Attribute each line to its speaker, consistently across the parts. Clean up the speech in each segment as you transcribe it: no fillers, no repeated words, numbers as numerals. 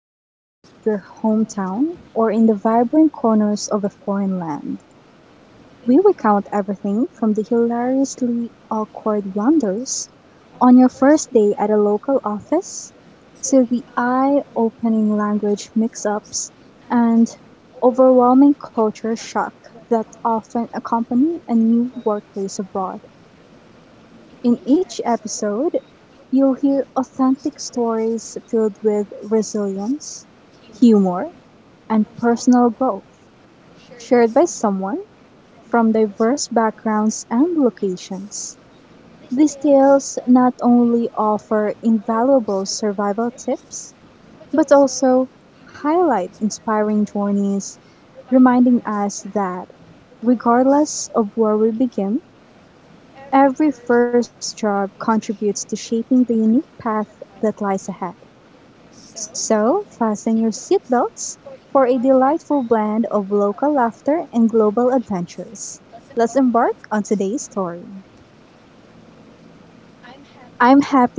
Speaker 1: streets of your hometown or in the vibrant corners of a foreign land, we recount everything from the hilariously awkward blunders on your first day at a local office to the eye opening language mix ups and overwhelming culture shock that often accompany a new workplace abroad. In each episode, you'll hear authentic stories filled with resilience, humor, and personal growth, shared by someone from diverse backgrounds and locations, these tales not only offer invaluable survival tips, but also highlight inspiring journeys, reminding us that, regardless of where we begin, every first job contributes to shaping the unique path that lies ahead. So fasten your seatbelts for a delightful blend of local laughter and global adventures. Let's embark on today's story. I'm happy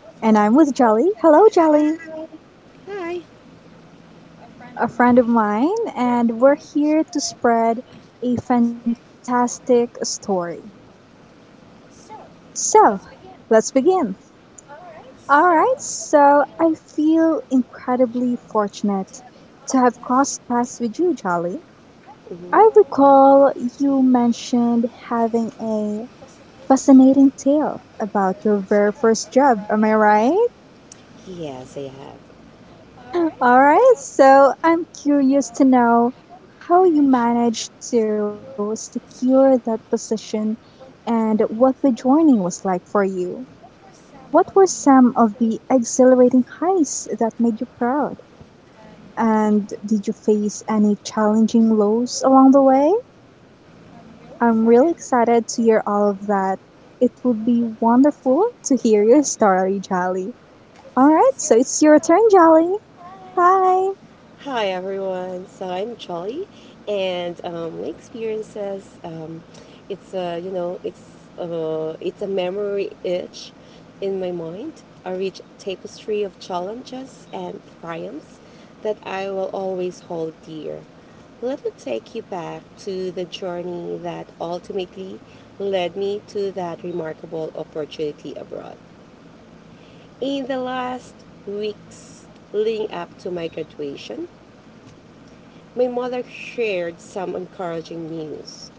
Speaker 1: and I'm with Jolly. Hello, Jolly,
Speaker 2: Jennifer. Hi. Hi.
Speaker 1: a friend of mine, and we're here to spread a fantastic story. So let's begin. All right, so I feel incredibly fortunate to have crossed paths with you, Jolly.
Speaker 2: Mhm.
Speaker 1: I recall you mentioned having a fascinating tale about your very first job. Am I right?
Speaker 2: Yes, I have.
Speaker 1: All right. So I'm curious to know how you managed to secure that position and what the journey was like for you. What were some of the exhilarating highs that made you proud? And did you face any challenging lows along the way? I'm really excited to hear all of that. It would be wonderful to hear your story, Jolly. All right, so it's your turn, Jolly. Hi.
Speaker 2: Hi everyone, so I'm Charlie, and my experiences. It's a, you know, it's a memory itch in my mind. A rich tapestry of challenges and triumphs that I will always hold dear. Let me take you back to the journey that ultimately led me to that remarkable opportunity abroad. In the last weeks leading up to my graduation, my mother shared some encouraging news.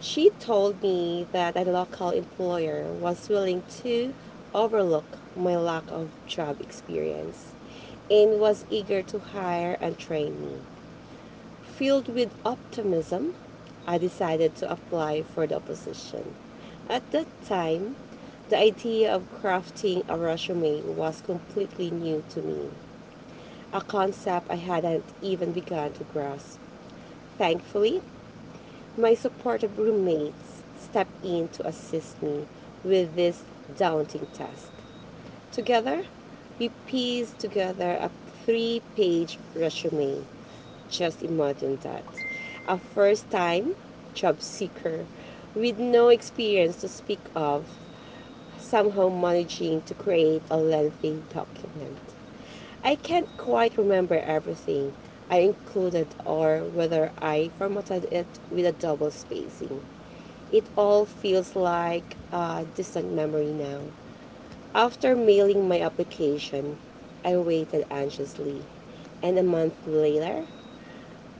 Speaker 2: She told me that a local employer was willing to overlook my lack of job experience and was eager to hire and train me. Filled with optimism, I decided to apply for the position. At that time, the idea of crafting a resume was completely new to me, a concept I hadn't even begun to grasp. Thankfully, my supportive roommates stepped in to assist me with this daunting task. Together, we piece together a three-page resume. Just imagine that. A first time job seeker with no experience to speak of, somehow managing to create a lengthy document. I can't quite remember everything I included or whether I formatted it with a double spacing. It all feels like a distant memory now. After mailing my application, I waited anxiously, and a month later,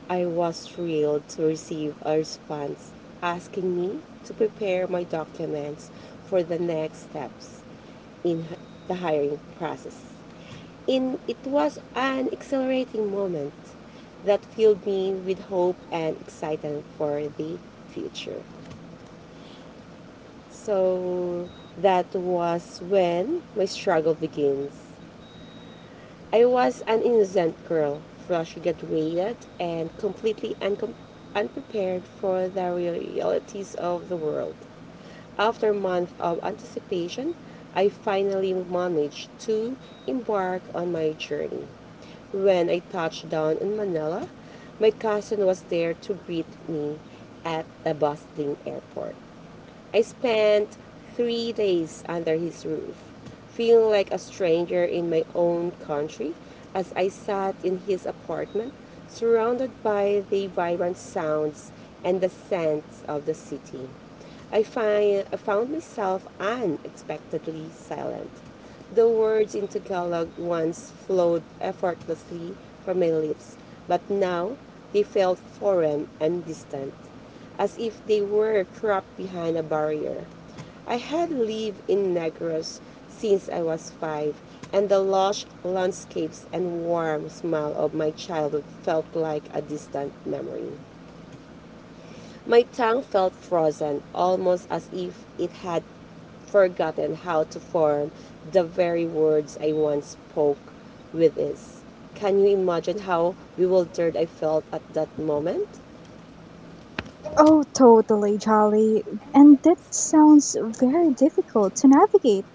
Speaker 2: I was thrilled to receive a response asking me to prepare my documents for the next steps in the hiring process. In it was an exhilarating moment that filled me with hope and excitement for the future. So that was when my struggle begins. I was an innocent girl, fresh-graduated, and completely unprepared for the realities of the world. After months of anticipation, I finally managed to embark on my journey. When I touched down in Manila, my cousin was there to greet me at the bustling airport. I spent 3 days under his roof, feeling like a stranger in my own country as I sat in his apartment, surrounded by the vibrant sounds and the scents of the city. I found myself unexpectedly silent. The words in Tagalog once flowed effortlessly from my lips, but now they felt foreign and distant as if they were trapped behind a barrier. I had lived in Negros since I was five, and the lush landscapes and warm smell of my childhood felt like a distant memory. My tongue felt frozen, almost as if it had forgotten how to form the very words I once spoke with ease. Can you imagine how bewildered I felt at that moment?
Speaker 1: Oh, totally, Jolly. And that sounds very difficult to navigate.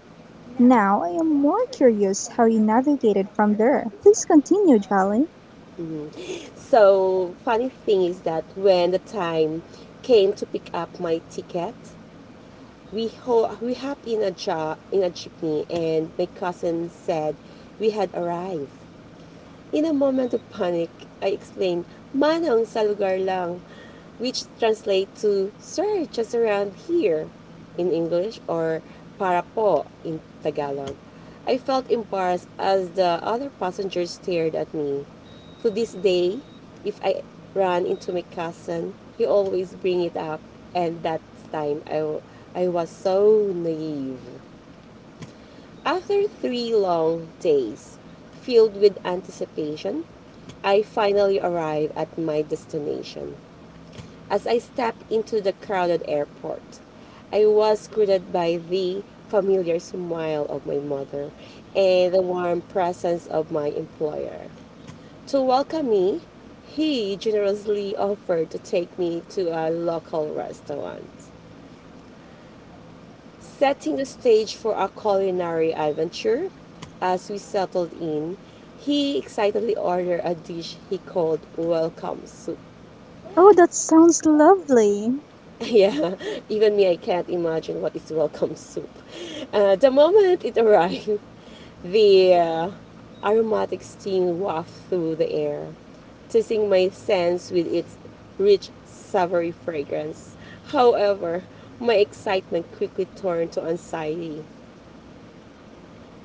Speaker 1: Now I am more curious how you navigated from there. Please continue, Jolly.
Speaker 2: So, funny thing is that when the time came to pick up my ticket, we hopped in a jeepney, and my cousin said we had arrived. In a moment of panic, I explained, "Manong sa lugar lang," which translates to, "Sir, just around here," in English, or "para po" in Tagalog. I felt embarrassed as the other passengers stared at me. To this day, if I ran into my cousin, he always bring it up, and that time I was so naive. After three long days, filled with anticipation, I finally arrive at my destination. As I step into the crowded airport, I was greeted by the familiar smile of my mother and the warm presence of my employer. To welcome me, he generously offered to take me to a local restaurant setting the stage for our culinary adventure. As we settled in, he excitedly ordered a dish he called welcome soup.
Speaker 1: Oh, that sounds lovely.
Speaker 2: Yeah, even me, I can't imagine what is welcome soup. The moment it arrived, the aromatic steam wafted through the air, teasing my sense with its rich, savory fragrance. However, my excitement quickly turned to anxiety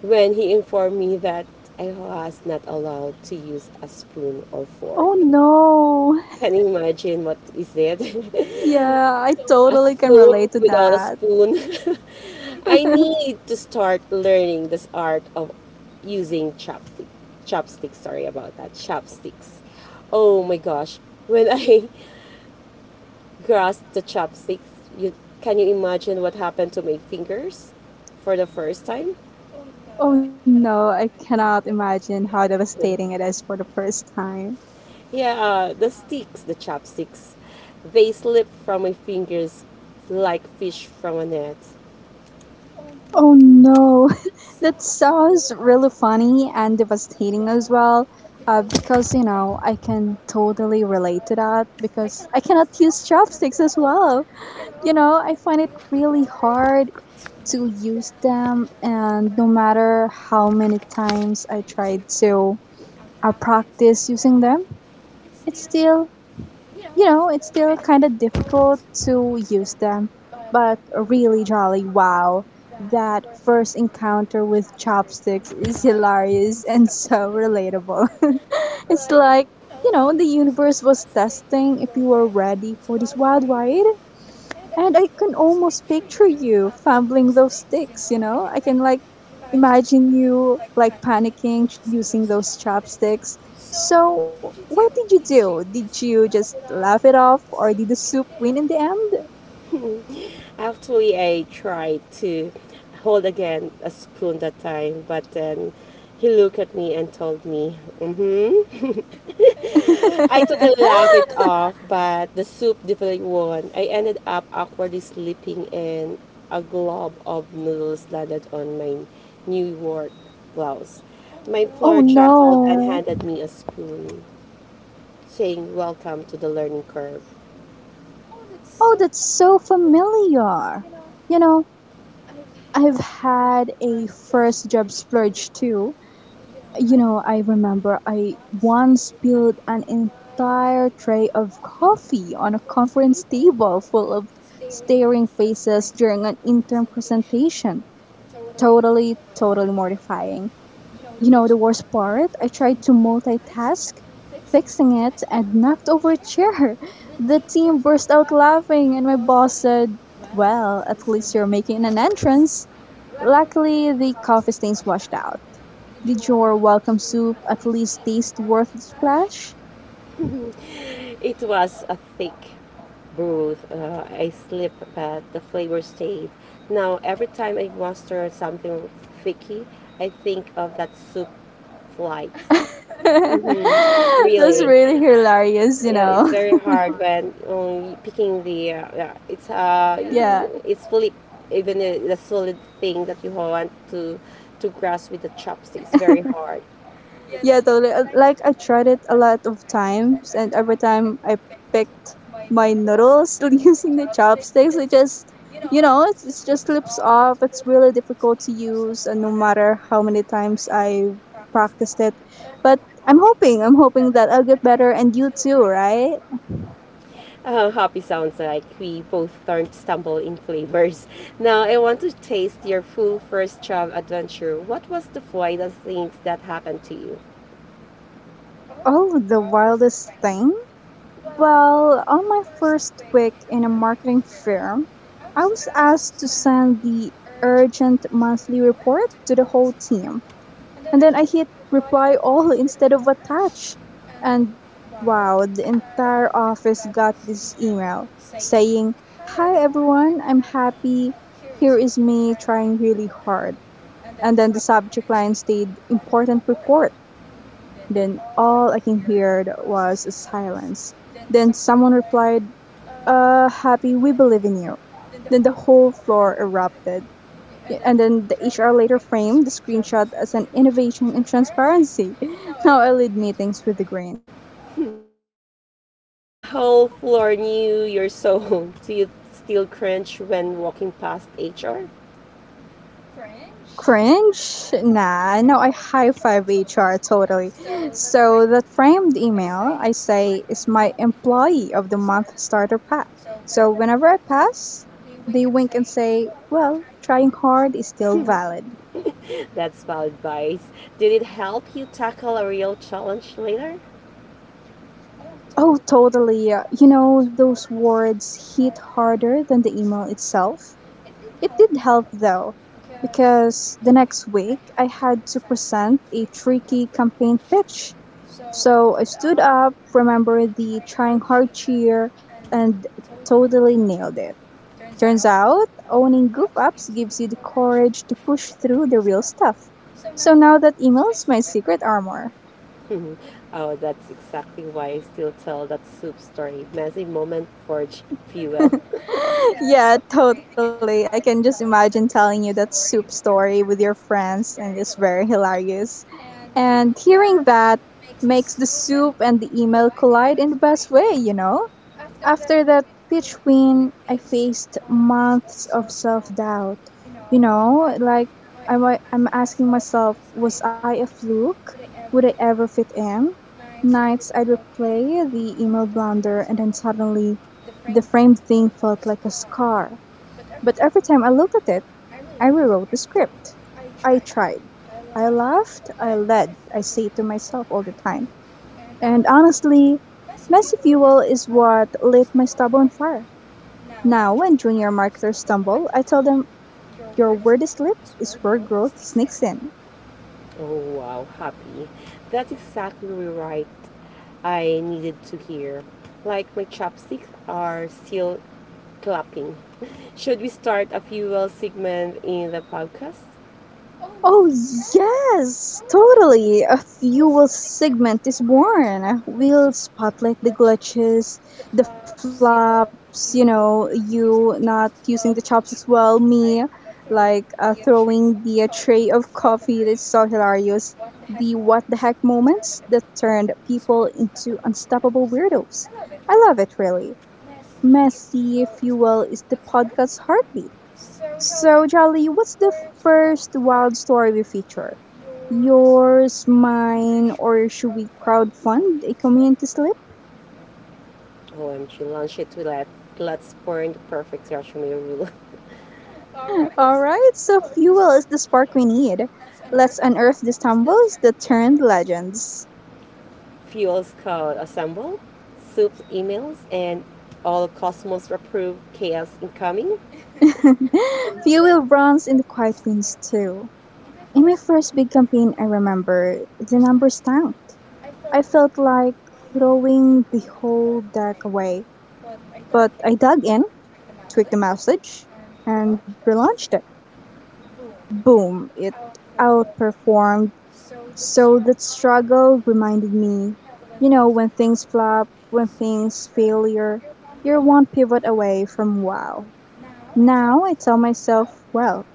Speaker 2: when he informed me that I was not allowed to use a spoon or fork.
Speaker 1: Oh no.
Speaker 2: Can you imagine what is that?
Speaker 1: Yeah, I
Speaker 2: A
Speaker 1: totally can
Speaker 2: soup
Speaker 1: relate to
Speaker 2: without a
Speaker 1: that.
Speaker 2: spoon. I need to start learning this art of using chopstick. Chopsticks, sorry about that. Chopsticks. Oh my gosh. When I grasped the chopsticks, you can you imagine what happened to my fingers for the first time?
Speaker 1: Oh no, I cannot imagine how devastating it is for the first time.
Speaker 2: Yeah, the sticks, the chopsticks, they slip from my fingers like fish from a net.
Speaker 1: Oh no, that sounds really funny and devastating as well. I can totally relate to that because I cannot use chopsticks as well. You know, I find it really hard to use them, and no matter how many times I tried to practice using them. It still it's still kind of difficult to use them, but really jolly wow. That first encounter with chopsticks is hilarious and so relatable. It's like, you know, the universe was testing if you were ready for this wild ride. And I can almost picture you fumbling those sticks, you know? I can like imagine you like panicking using those chopsticks. So, what did you do? Did you just laugh it off or did the soup win in the
Speaker 2: Actually, I tried to hold again a spoon that time, but then he looked at me and told me, mm-hmm.
Speaker 1: end?
Speaker 2: I totally laughed it off, but the soup definitely won. I ended up awkwardly sleeping and a glob of noodles landed on my New York blouse. My
Speaker 1: oh
Speaker 2: floor chuckled and
Speaker 1: no.
Speaker 2: handed me a spoon, saying welcome to the learning curve.
Speaker 1: Oh, that's so familiar. You know, I've had a first job splurge too. You know, I remember I once spilled an entire tray of coffee on a conference table full of staring faces during an intern presentation. Totally, totally mortifying. You know, the worst part, I tried to multitask, fixing it, and knocked over a chair. The team burst out laughing, and my boss said, "Well, at least you're making an entrance." Luckily, the coffee stains washed out. Did your welcome soup at least taste worth the splash?
Speaker 2: It was a thick brew. I slipped, but the flavor stayed. Now every time I master something ficky, I think of that soup flight. Hmm.
Speaker 1: That's
Speaker 2: Really,
Speaker 1: really hilarious, you
Speaker 2: yeah, it's
Speaker 1: know.
Speaker 2: very hard when picking the. Yeah, it's
Speaker 1: Yeah.
Speaker 2: flip. Even the solid thing that you want to grasp with the chopsticks, very hard.
Speaker 1: Yeah, totally. Like I tried it a lot of times and every time I picked my noodles using the chopsticks, it just you know, it just slips off. It's really difficult to use and no matter how many times I practiced it. But I'm hoping that I'll get better and you too, right?
Speaker 2: How happy sounds like we both don't stumble in flavors. Now, I want to taste your full first job adventure. What was the wildest things that happened to you?
Speaker 1: Oh, the wildest thing? Well, on my first week in a marketing firm, I was asked to send the urgent monthly report to the whole team. And then I hit reply all instead of attach. And wow, the entire office got this email saying, "Hi everyone, I'm happy. Here is me trying really hard." And then the subject line stayed "important report." Then all I can hear was a silence. Then someone replied, "happy, we believe in you." Then the whole floor erupted. Yeah, and then the HR later framed the screenshot as an innovation in transparency. Now I lead meetings with a grin.
Speaker 2: So the whole floor knew your soul. Do you still cringe when walking past HR?
Speaker 1: Cringe? Nah, no, I high five HR totally. So that framed email, I say, is my employee of the month starter pack. So whenever I pass, they wink and say, "well, trying hard is still valid."
Speaker 2: That's valid advice. Did it help you tackle a real challenge later?
Speaker 1: Oh, totally. You know, those words hit harder than the email itself. It did help, though, because the next week I had to present a tricky campaign pitch. So I stood up, remembered the trying hard cheer, and totally nailed it. Turns out, owning goof ups gives you the courage to push through the real stuff. So now that email's my secret armor.
Speaker 2: Oh, that's exactly why I still tell that soup story. Messy moment forge fuel.
Speaker 1: Yeah, totally. I can just imagine telling you that soup story with your friends, and it's very hilarious. And hearing that makes the soup and the email collide in the best way, you know? After that pitch win, I faced months of self doubt. You know, like I'm asking myself, was I a fluke? Would I ever fit in? Nights I'd replay the email blunder, and then suddenly the framed thing felt like a scar. But every time I looked at it, I rewrote the script. I tried. I laughed, I led, I say to myself all the time. And honestly, messy fuel is what lit my stub on fire. Now, when junior marketers stumble, I tell them, your word is lit is where growth sneaks in.
Speaker 2: Oh wow, happy. That's exactly right. I needed to hear. Like my chopsticks are still clapping. Should we start a fuel segment in the podcast?
Speaker 1: Oh, yes, totally. A fuel segment is born. We'll spotlight the glitches, the flops, you know, you not using the chopsticks well, me like throwing the tray of coffee that's so hilarious, the what the heck moments that turned people into unstoppable weirdos. I love it, really. Messy Fuel is the podcast's heartbeat. So, Charlie, what's the first wild story we feature? Yours, mine, or should we crowdfund a community slip?
Speaker 2: OMG, launch it to let's burn the perfect sashimi rule.
Speaker 1: All right, so fuel is the spark we need. Let's unearth the stumbles that turned legends.
Speaker 2: Fuels code assemble, soups emails, and all cosmos approved chaos incoming.
Speaker 1: Fuel runs in the quiet winds, too. In my first big campaign, I remember the numbers tanked. I felt like throwing the whole deck away, but I dug in, tweaked the message, and relaunched it. Boom, it outperformed. So that struggle reminded me, you know, when things flop, when things failure, you're one pivot away from wow. Now I tell myself, well,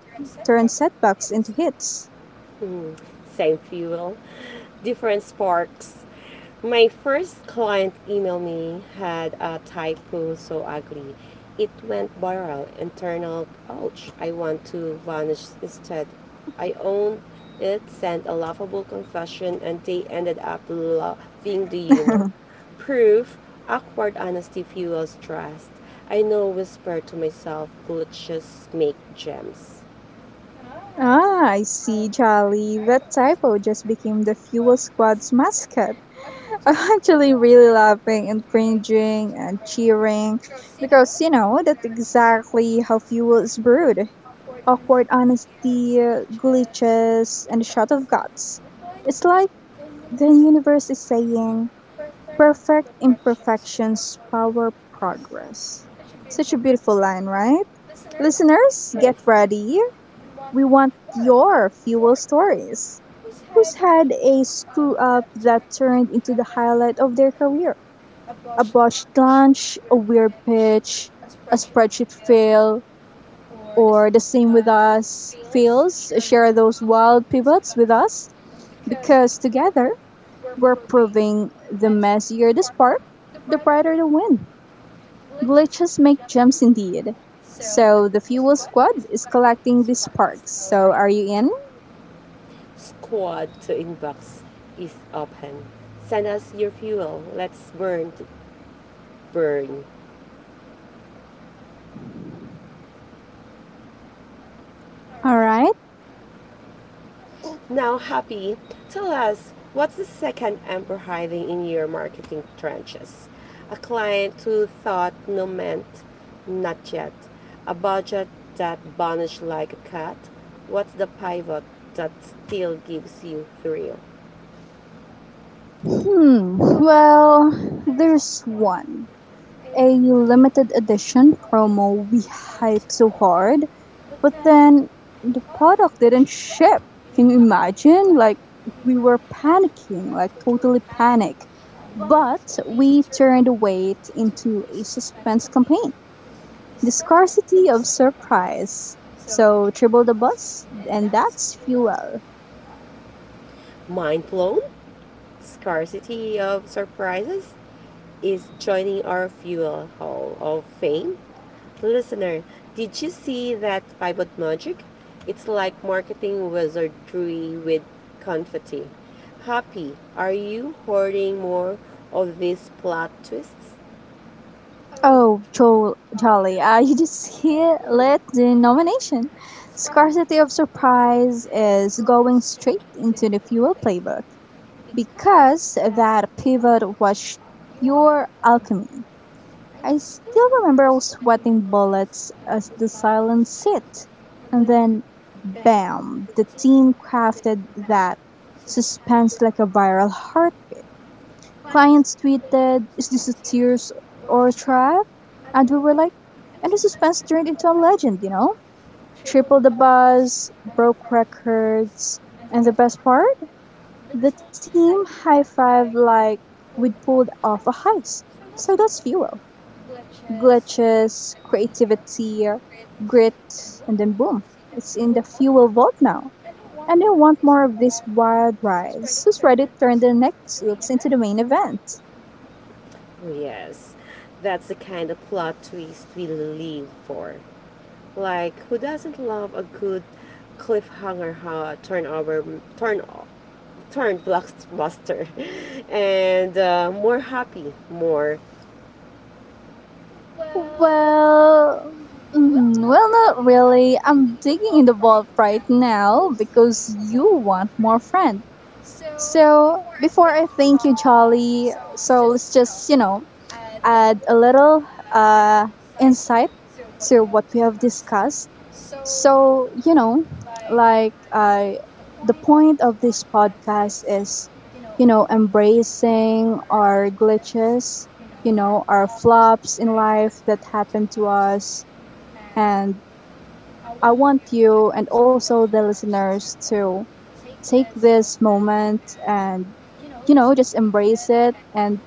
Speaker 1: turn setbacks into hits.
Speaker 2: Mm, same fuel, different sparks. My first client emailed me had a typo so ugly. It went viral. Internal, ouch, I want to vanish instead. I owned it, sent a laughable confession, and they ended up loving the humor. Proof, awkward honesty fuels trust. I know whisper to myself, glitches make gems.
Speaker 1: Ah, I see, Jolly. That typo just became the Fuel Squad's mascot. I'm actually really laughing and cringing and cheering because, you know, that's exactly how fuel is brewed. Awkward honesty, glitches, and a shot of guts. It's like the universe is saying, "perfect imperfections power progress." Such a beautiful line, right? Listeners,
Speaker 2: Yes.
Speaker 1: get ready. We want your fuel stories. Who's had a screw up that turned into the highlight of their career? A botched launch, a weird pitch, a spreadsheet fail, or the same with us feels, share those wild pivots with us because together we're proving the messier the spark, the brighter the wind. Glitches make gems indeed. So the fuel squad is collecting these sparks. So are you in?
Speaker 2: Squad to inbox is open. Send us your fuel. Let's burn to burn.
Speaker 1: All right.
Speaker 2: Now, Happy, tell us what's the second emperor hiding in your marketing trenches? A client who thought no meant not yet. A budget that vanished like a cat. What's the pivot that still gives you thrill?
Speaker 1: Hmm. Well, there's one. A limited edition promo we hyped so hard. But then the product didn't ship. Can you imagine? Like we were panicking, like totally panic. But we turned the wait into a suspense campaign. The scarcity of surprise. So triple the bus, and that's fuel.
Speaker 2: Mind blown? Scarcity of surprises is joining our fuel hall of fame. Listener, did you see that pivot magic? It's like marketing wizardry with confetti. Happy, are you hoarding more of these plot twists?
Speaker 1: Oh, Joel, Jolly, you just hit lit the nomination. Scarcity of surprise is going straight into the fuel playbook. Because that pivot was pure alchemy. I still remember sweating bullets as the silence hit, and then bam, the team crafted that suspense like a viral heartbeat. Clients tweeted, "Is this a tears or a trap?" And we were like, and the suspense turned into a legend, you know? Triple the buzz, broke records, and the best part? The team high-fived like we'd pulled off a heist. So that's fuel. Glitches, creativity, grit, and then boom, it's in the fuel vault now. And I want more of this wild rides. Who's ready to turn the next oops into the main event?
Speaker 2: Oh, yes, that's the kind of plot twist we live for. Like, who doesn't love a good cliffhanger turnover, turn turned blockbuster and more happy, more.
Speaker 1: Well, well, not really. I'm digging in the vault right now because you want more friend. So before I thank you, Jolly, so let's just, you know, add a little uh, insight to what we have discussed. So, you know, like the point of this podcast is, you know, embracing our glitches, you know, our flops in life that happen to us. And I want you and also the listeners to take this moment and, you know, just embrace it and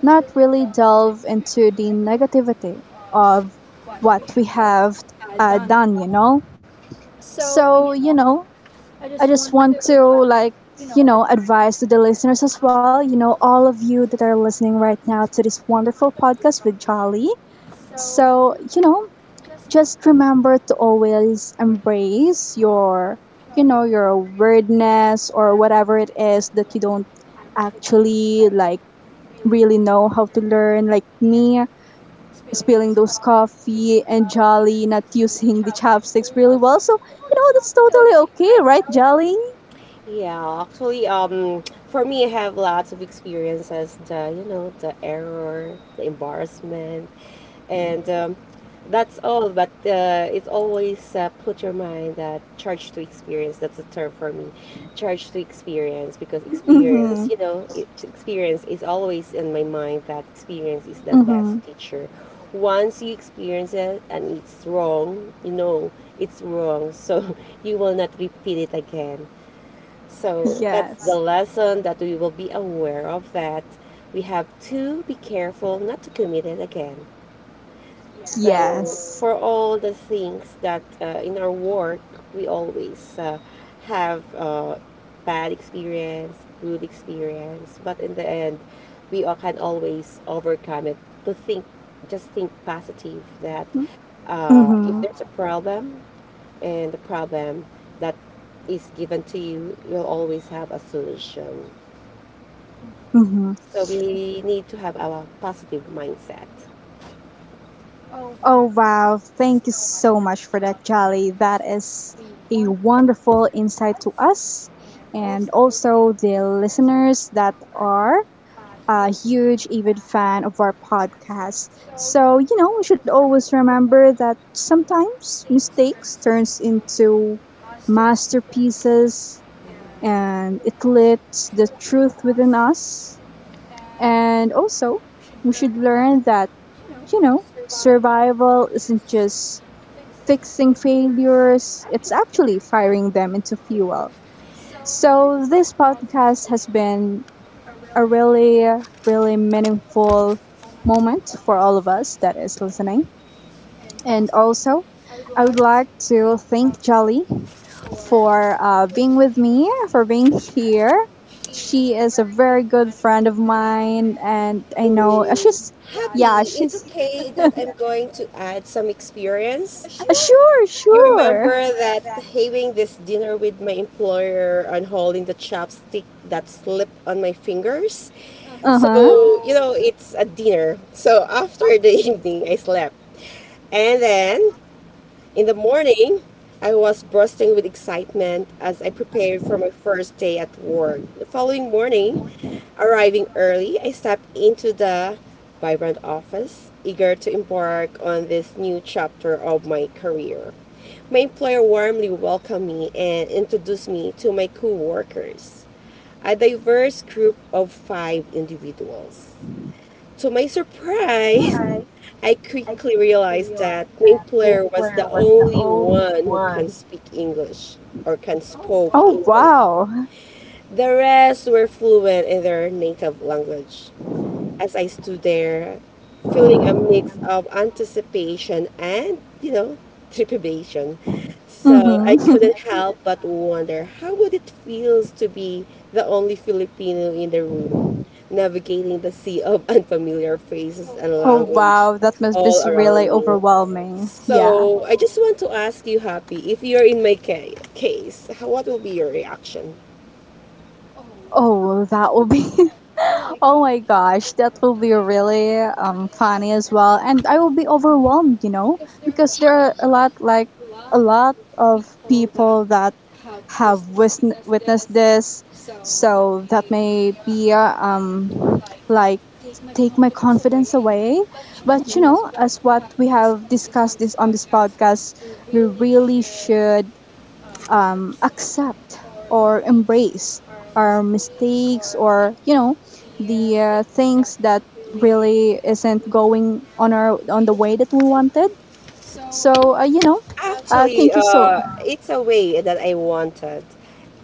Speaker 1: not really delve into the negativity of what we have done, you know? So, you know, I just want to, like, you know, advise to the listeners as well, you know, all of you that are listening right now to this wonderful podcast with Jolly. So, you know, just remember to always embrace your, you know, your weirdness or whatever it is that you don't actually, like, really know how to learn, like me spilling those coffee and Jolly not using the chopsticks really well. So, you know, that's totally okay, right, Jolly?
Speaker 2: Yeah, actually, for me, I have lots of experiences. The you know the error, the embarrassment, and that's all. But it's always put your mind that charge to experience. That's a term for me, charge to experience because
Speaker 1: Mm-hmm.
Speaker 2: experience, you know, experience is always in my mind that experience is the best
Speaker 1: Mm-hmm.
Speaker 2: teacher. Once you experience it and it's wrong, you know it's wrong, so you will not repeat it again. So that's the
Speaker 1: Yes.
Speaker 2: lesson that we will be aware of that we have to be careful not to commit it again. Yeah. So
Speaker 1: Yes.
Speaker 2: for all the things that in our work we always have bad experience, good experience, but in the end we all can always overcome it. To think, just think positive that
Speaker 1: Mm-hmm.
Speaker 2: if there's a problem, and the problem that is given to you, you'll always have a solution.
Speaker 1: Mm-hmm.
Speaker 2: So we need to have our positive mindset.
Speaker 1: Oh, wow. Thank you so much for that, Jolly. That is a wonderful insight to us and also the listeners that are a huge avid fan of our podcast. So, you know, we should always remember that sometimes mistakes turns into masterpieces and it lifts the truth within us. And also, we should learn that, you know, survival isn't just fixing failures, it's actually firing them into fuel. So, this podcast has been a really, really meaningful moment for all of us that is listening. And also, I would like to thank Jolly for being with me, for being here. She is a very good friend of mine, and I know
Speaker 2: Mm,
Speaker 1: she's, yeah,
Speaker 2: happy. It's
Speaker 1: she's.
Speaker 2: okay that I'm going to add some experience. Sure.
Speaker 1: Sure,
Speaker 2: You
Speaker 1: sure.
Speaker 2: remember that having this dinner with my employer and holding the chopstick that slipped on my fingers? Uh-huh.
Speaker 1: Uh
Speaker 2: So,
Speaker 1: huh.
Speaker 2: you know, it's a dinner. So after the evening, I slept. And then in the morning, I was bursting with excitement as I prepared for my first day at work. The following morning, arriving early, I stepped into the vibrant office, eager to embark on this new chapter of my career. My employer warmly welcomed me and introduced me to my coworkers, a diverse group of five individuals. To my surprise, I quickly realized that Gwyn player was the only one who can speak English or can spoke
Speaker 1: Oh,
Speaker 2: English.
Speaker 1: wow.
Speaker 2: The rest were fluent in their native language. As I stood there, feeling a mix of anticipation and, you know, trepidation. So I
Speaker 1: Mm-hmm.
Speaker 2: couldn't help but wonder how would it feels to be the only Filipino in the room, navigating the sea of unfamiliar faces and
Speaker 1: Oh
Speaker 2: language
Speaker 1: wow, that must be
Speaker 2: all
Speaker 1: really
Speaker 2: around me.
Speaker 1: overwhelming. Yeah.
Speaker 2: So I just want to ask you, Happy, if you're in my case, how, what will be your reaction?
Speaker 1: Oh, that will be. Oh my gosh, that will be really funny as well, and I will be overwhelmed, you know, because there are a lot like a lot of people that have witnessed this, so that may be like take my confidence away. But you know, as what we have discussed this on this podcast, we really should accept or embrace our mistakes or you know the things that really isn't going on our on the way that we wanted. So you know,
Speaker 2: Actually,
Speaker 1: thank you so.
Speaker 2: it's a way that I wanted.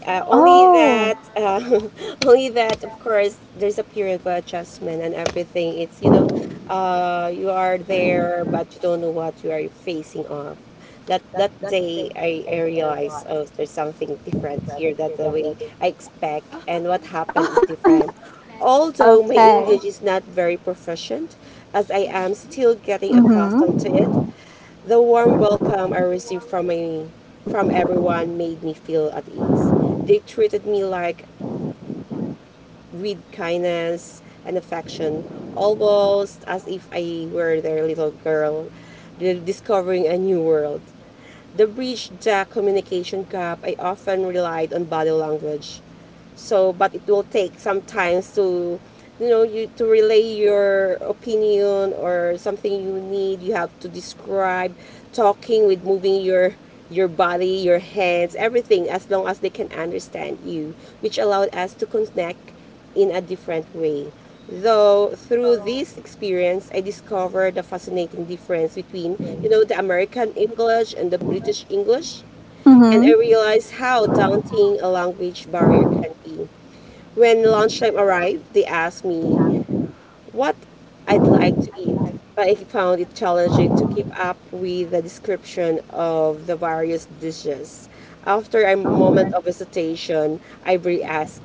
Speaker 2: Only
Speaker 1: Oh,
Speaker 2: that, only that, of course, there's a period of adjustment and everything. It's, you know, you are there, but you don't know what you are facing off. That day, I realized, oh, there's something different here. That the way I expect and what happened is different.
Speaker 1: okay.
Speaker 2: Although my English is not very proficient, as I am still
Speaker 1: Mm-hmm.
Speaker 2: getting accustomed to it. The warm welcome I received from, my, from everyone made me feel at ease. They treated me like with kindness and affection, almost as if I were their little girl, discovering a new world. The bridge jack communication gap, I often relied on body language. So, but it will take sometimes to, you to relay your opinion or something you need. You have to describe, talking with moving your body, your hands, everything, as long as they can understand you, which allowed us to connect in a different way. Though through this experience, I discovered the fascinating difference between, the American English and the British English,
Speaker 1: Mm-hmm.
Speaker 2: and I realized how daunting a language barrier can be. When lunchtime arrived, they asked me, what I'd like to eat, but I found it challenging to keep up with the description of the various dishes. After a moment of hesitation, I re asked,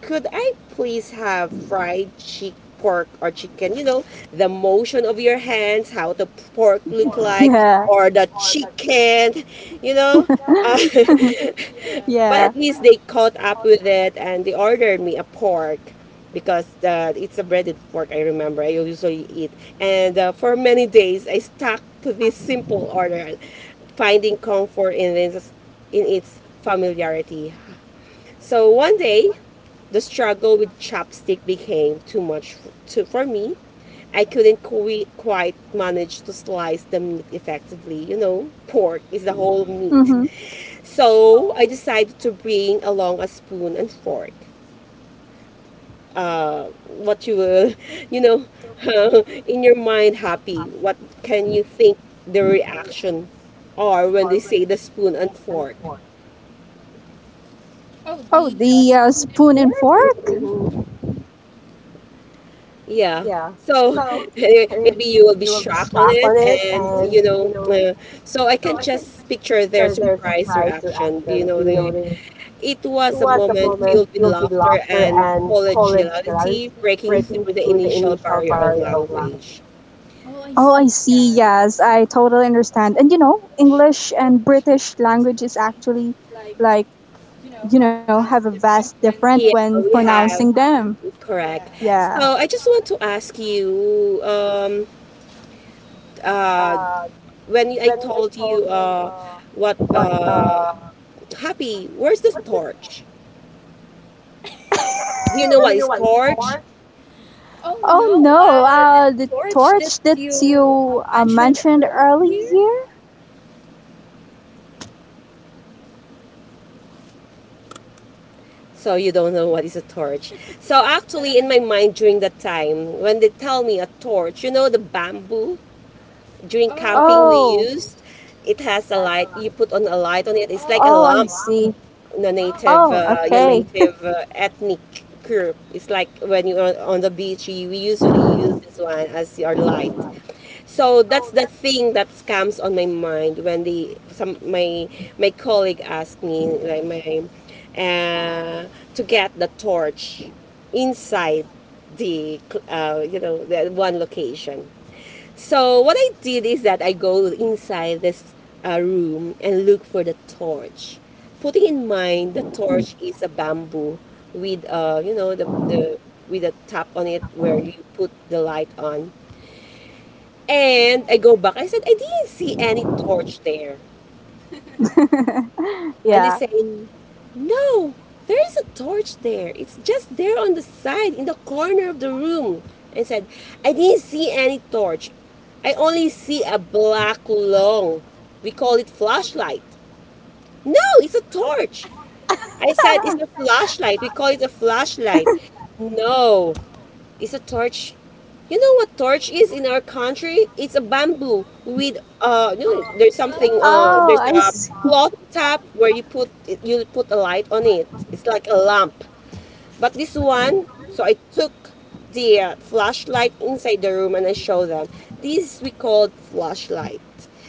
Speaker 2: could I please have fried chick pork or chicken? You know, the motion of your hands, how the pork look like,
Speaker 1: Yeah.
Speaker 2: or the chicken, you know? Uh, But
Speaker 1: Yeah.
Speaker 2: at least they caught up with it and they ordered me a pork because it's a breaded pork, I remember. I usually eat. And for many days, I stuck to this simple order, finding comfort in its familiarity. So one day, the struggle with chopstick became too much to, for me. I couldn't quite manage to slice the meat effectively. You know, pork is the whole meat.
Speaker 1: Mm-hmm.
Speaker 2: So I decided to bring along a spoon and fork. Uh, what you will, you know, in your mind, happy. What can you think the reaction are when they say the spoon and fork?
Speaker 1: Oh, the spoon and fork?
Speaker 2: Yeah. So maybe you will be shocked on it, and you know, so I can just picture their surprise reaction. You know, they it was a moment filled with laughter and collegiality, breaking through the initial barrier of language.
Speaker 1: Oh, I see. Yes, I totally understand. And you know, English and British language is actually like,
Speaker 2: You know,
Speaker 1: you
Speaker 2: have
Speaker 1: know, have a
Speaker 2: asked
Speaker 1: vast
Speaker 2: different when
Speaker 1: difference
Speaker 2: yeah,
Speaker 1: when
Speaker 2: we
Speaker 1: pronouncing
Speaker 2: have,
Speaker 1: them.
Speaker 2: correct,
Speaker 1: Yeah.
Speaker 2: yeah. So I just want to ask you, uh, when I told you what, Happy, where's the torch? Do you know what is torch?
Speaker 1: Oh no, the torch that you mentioned earlier?
Speaker 2: So you don't know what is a torch. So actually, in my mind during that time, when they tell me a torch, you know the bamboo during camping we
Speaker 1: Oh,
Speaker 2: used. It has a light. You put on a light on it. It's like a
Speaker 1: oh, I
Speaker 2: lamp.
Speaker 1: see. Oh,
Speaker 2: Your
Speaker 1: okay.
Speaker 2: native ethnic group. It's like when you're on the beach. You, we usually use this one as your light. So that's the thing that comes on my mind when the some my my colleague asked me like my uh, to get the torch inside the you know the one location. So what I did is that I go inside this room and look for the torch, putting in mind the torch is a bamboo with you know the with a top on it where you put the light on. And I go back. I said, I didn't see any torch there. And they
Speaker 1: yeah.
Speaker 2: saying, no, there is a torch there. It's just there on the side, in the corner of the room. I said, I didn't see any torch. I only see a black long. We call it flashlight. No, it's a torch. I said, it's a flashlight. We call it a flashlight. No, is a torch. You know what torch is in our country? It's a bamboo with no, there's something
Speaker 1: Oh,
Speaker 2: there's
Speaker 1: I
Speaker 2: a
Speaker 1: see.
Speaker 2: cloth top where you put it, you put a light on it. It's like a lamp. But this one, so I took the flashlight inside the room and I show them. This we called flashlight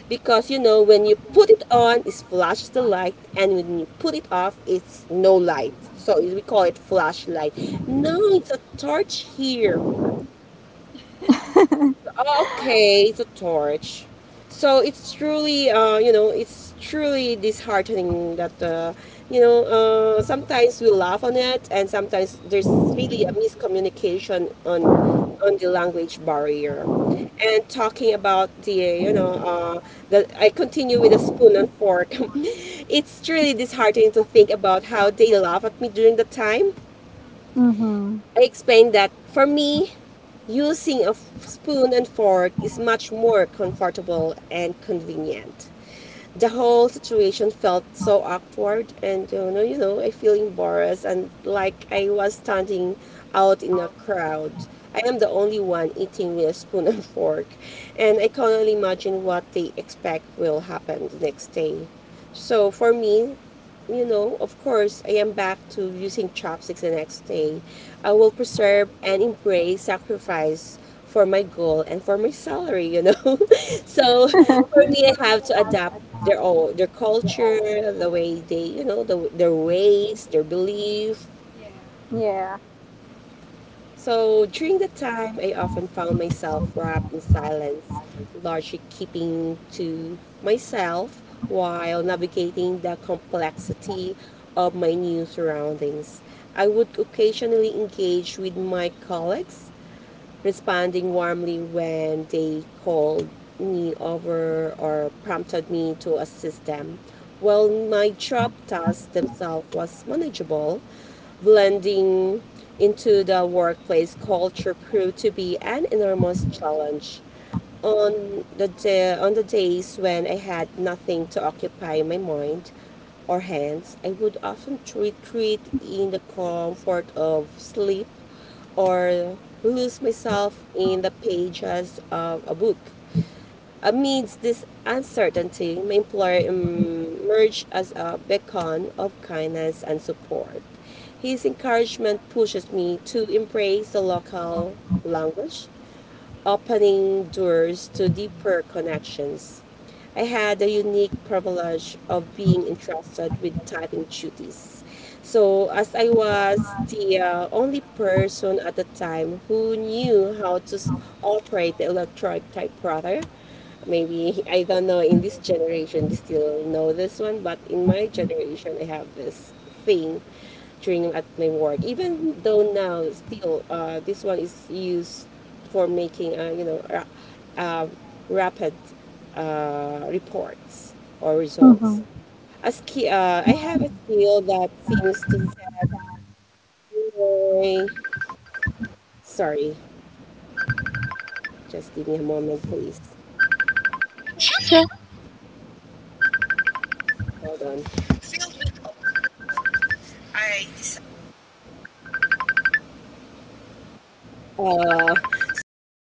Speaker 2: because you know when you put it on, it flashes the light, and when you put it off, it's no light. So we call it flashlight. No, it's a torch here. Okay, it's a torch. So it's truly, it's truly disheartening that, sometimes we laugh on it, and sometimes there's really a miscommunication on the language barrier. And talking about the, you know, uh, the I continue with the spoon and fork. it's truly disheartening to think about how they laugh at me during the time
Speaker 1: Mm-hmm.
Speaker 2: I explained that for me, using a spoon and fork is much more comfortable and convenient. The whole situation felt so awkward and you know I feel embarrassed and like I was standing out in a crowd. I am the only one eating with a spoon and fork, and I can only imagine what they expect will happen the next day. So for me, you know, of course, I am back to using chopsticks the next day. I will preserve and embrace sacrifice for my goal and for my salary, you know. so for me, I have to adapt their all their culture, the way they, you know, the, their ways, their belief.
Speaker 1: yeah.
Speaker 2: So during the time, I often found myself wrapped in silence, largely keeping to myself while navigating the complexity of my new surroundings. I would occasionally engage with my colleagues responding warmly when they called me over or prompted me to assist them. While my job tasks themselves was manageable, blending into the workplace culture proved to be an enormous challenge. On the days when I had nothing to occupy my mind or hands, I would often retreat in the comfort of sleep or lose myself in the pages of a book. Amidst this uncertainty, my employer emerged as a beacon of kindness and support. His encouragement pushes me to embrace the local language opening doors to deeper connections. I had the unique privilege of being entrusted with typing duties. So, as I was the only person at the time who knew how to operate the electronic typewriter, maybe I don't know in this generation they still know this one, but in my generation I have this thing during at my work. Even though now still this one is used for making, um rapid reports or results.
Speaker 1: Mm-hmm.
Speaker 2: As key, I have a skill that seems to set my. Sorry, just give me a moment, please.
Speaker 1: Sure.
Speaker 2: Hold on. All right. So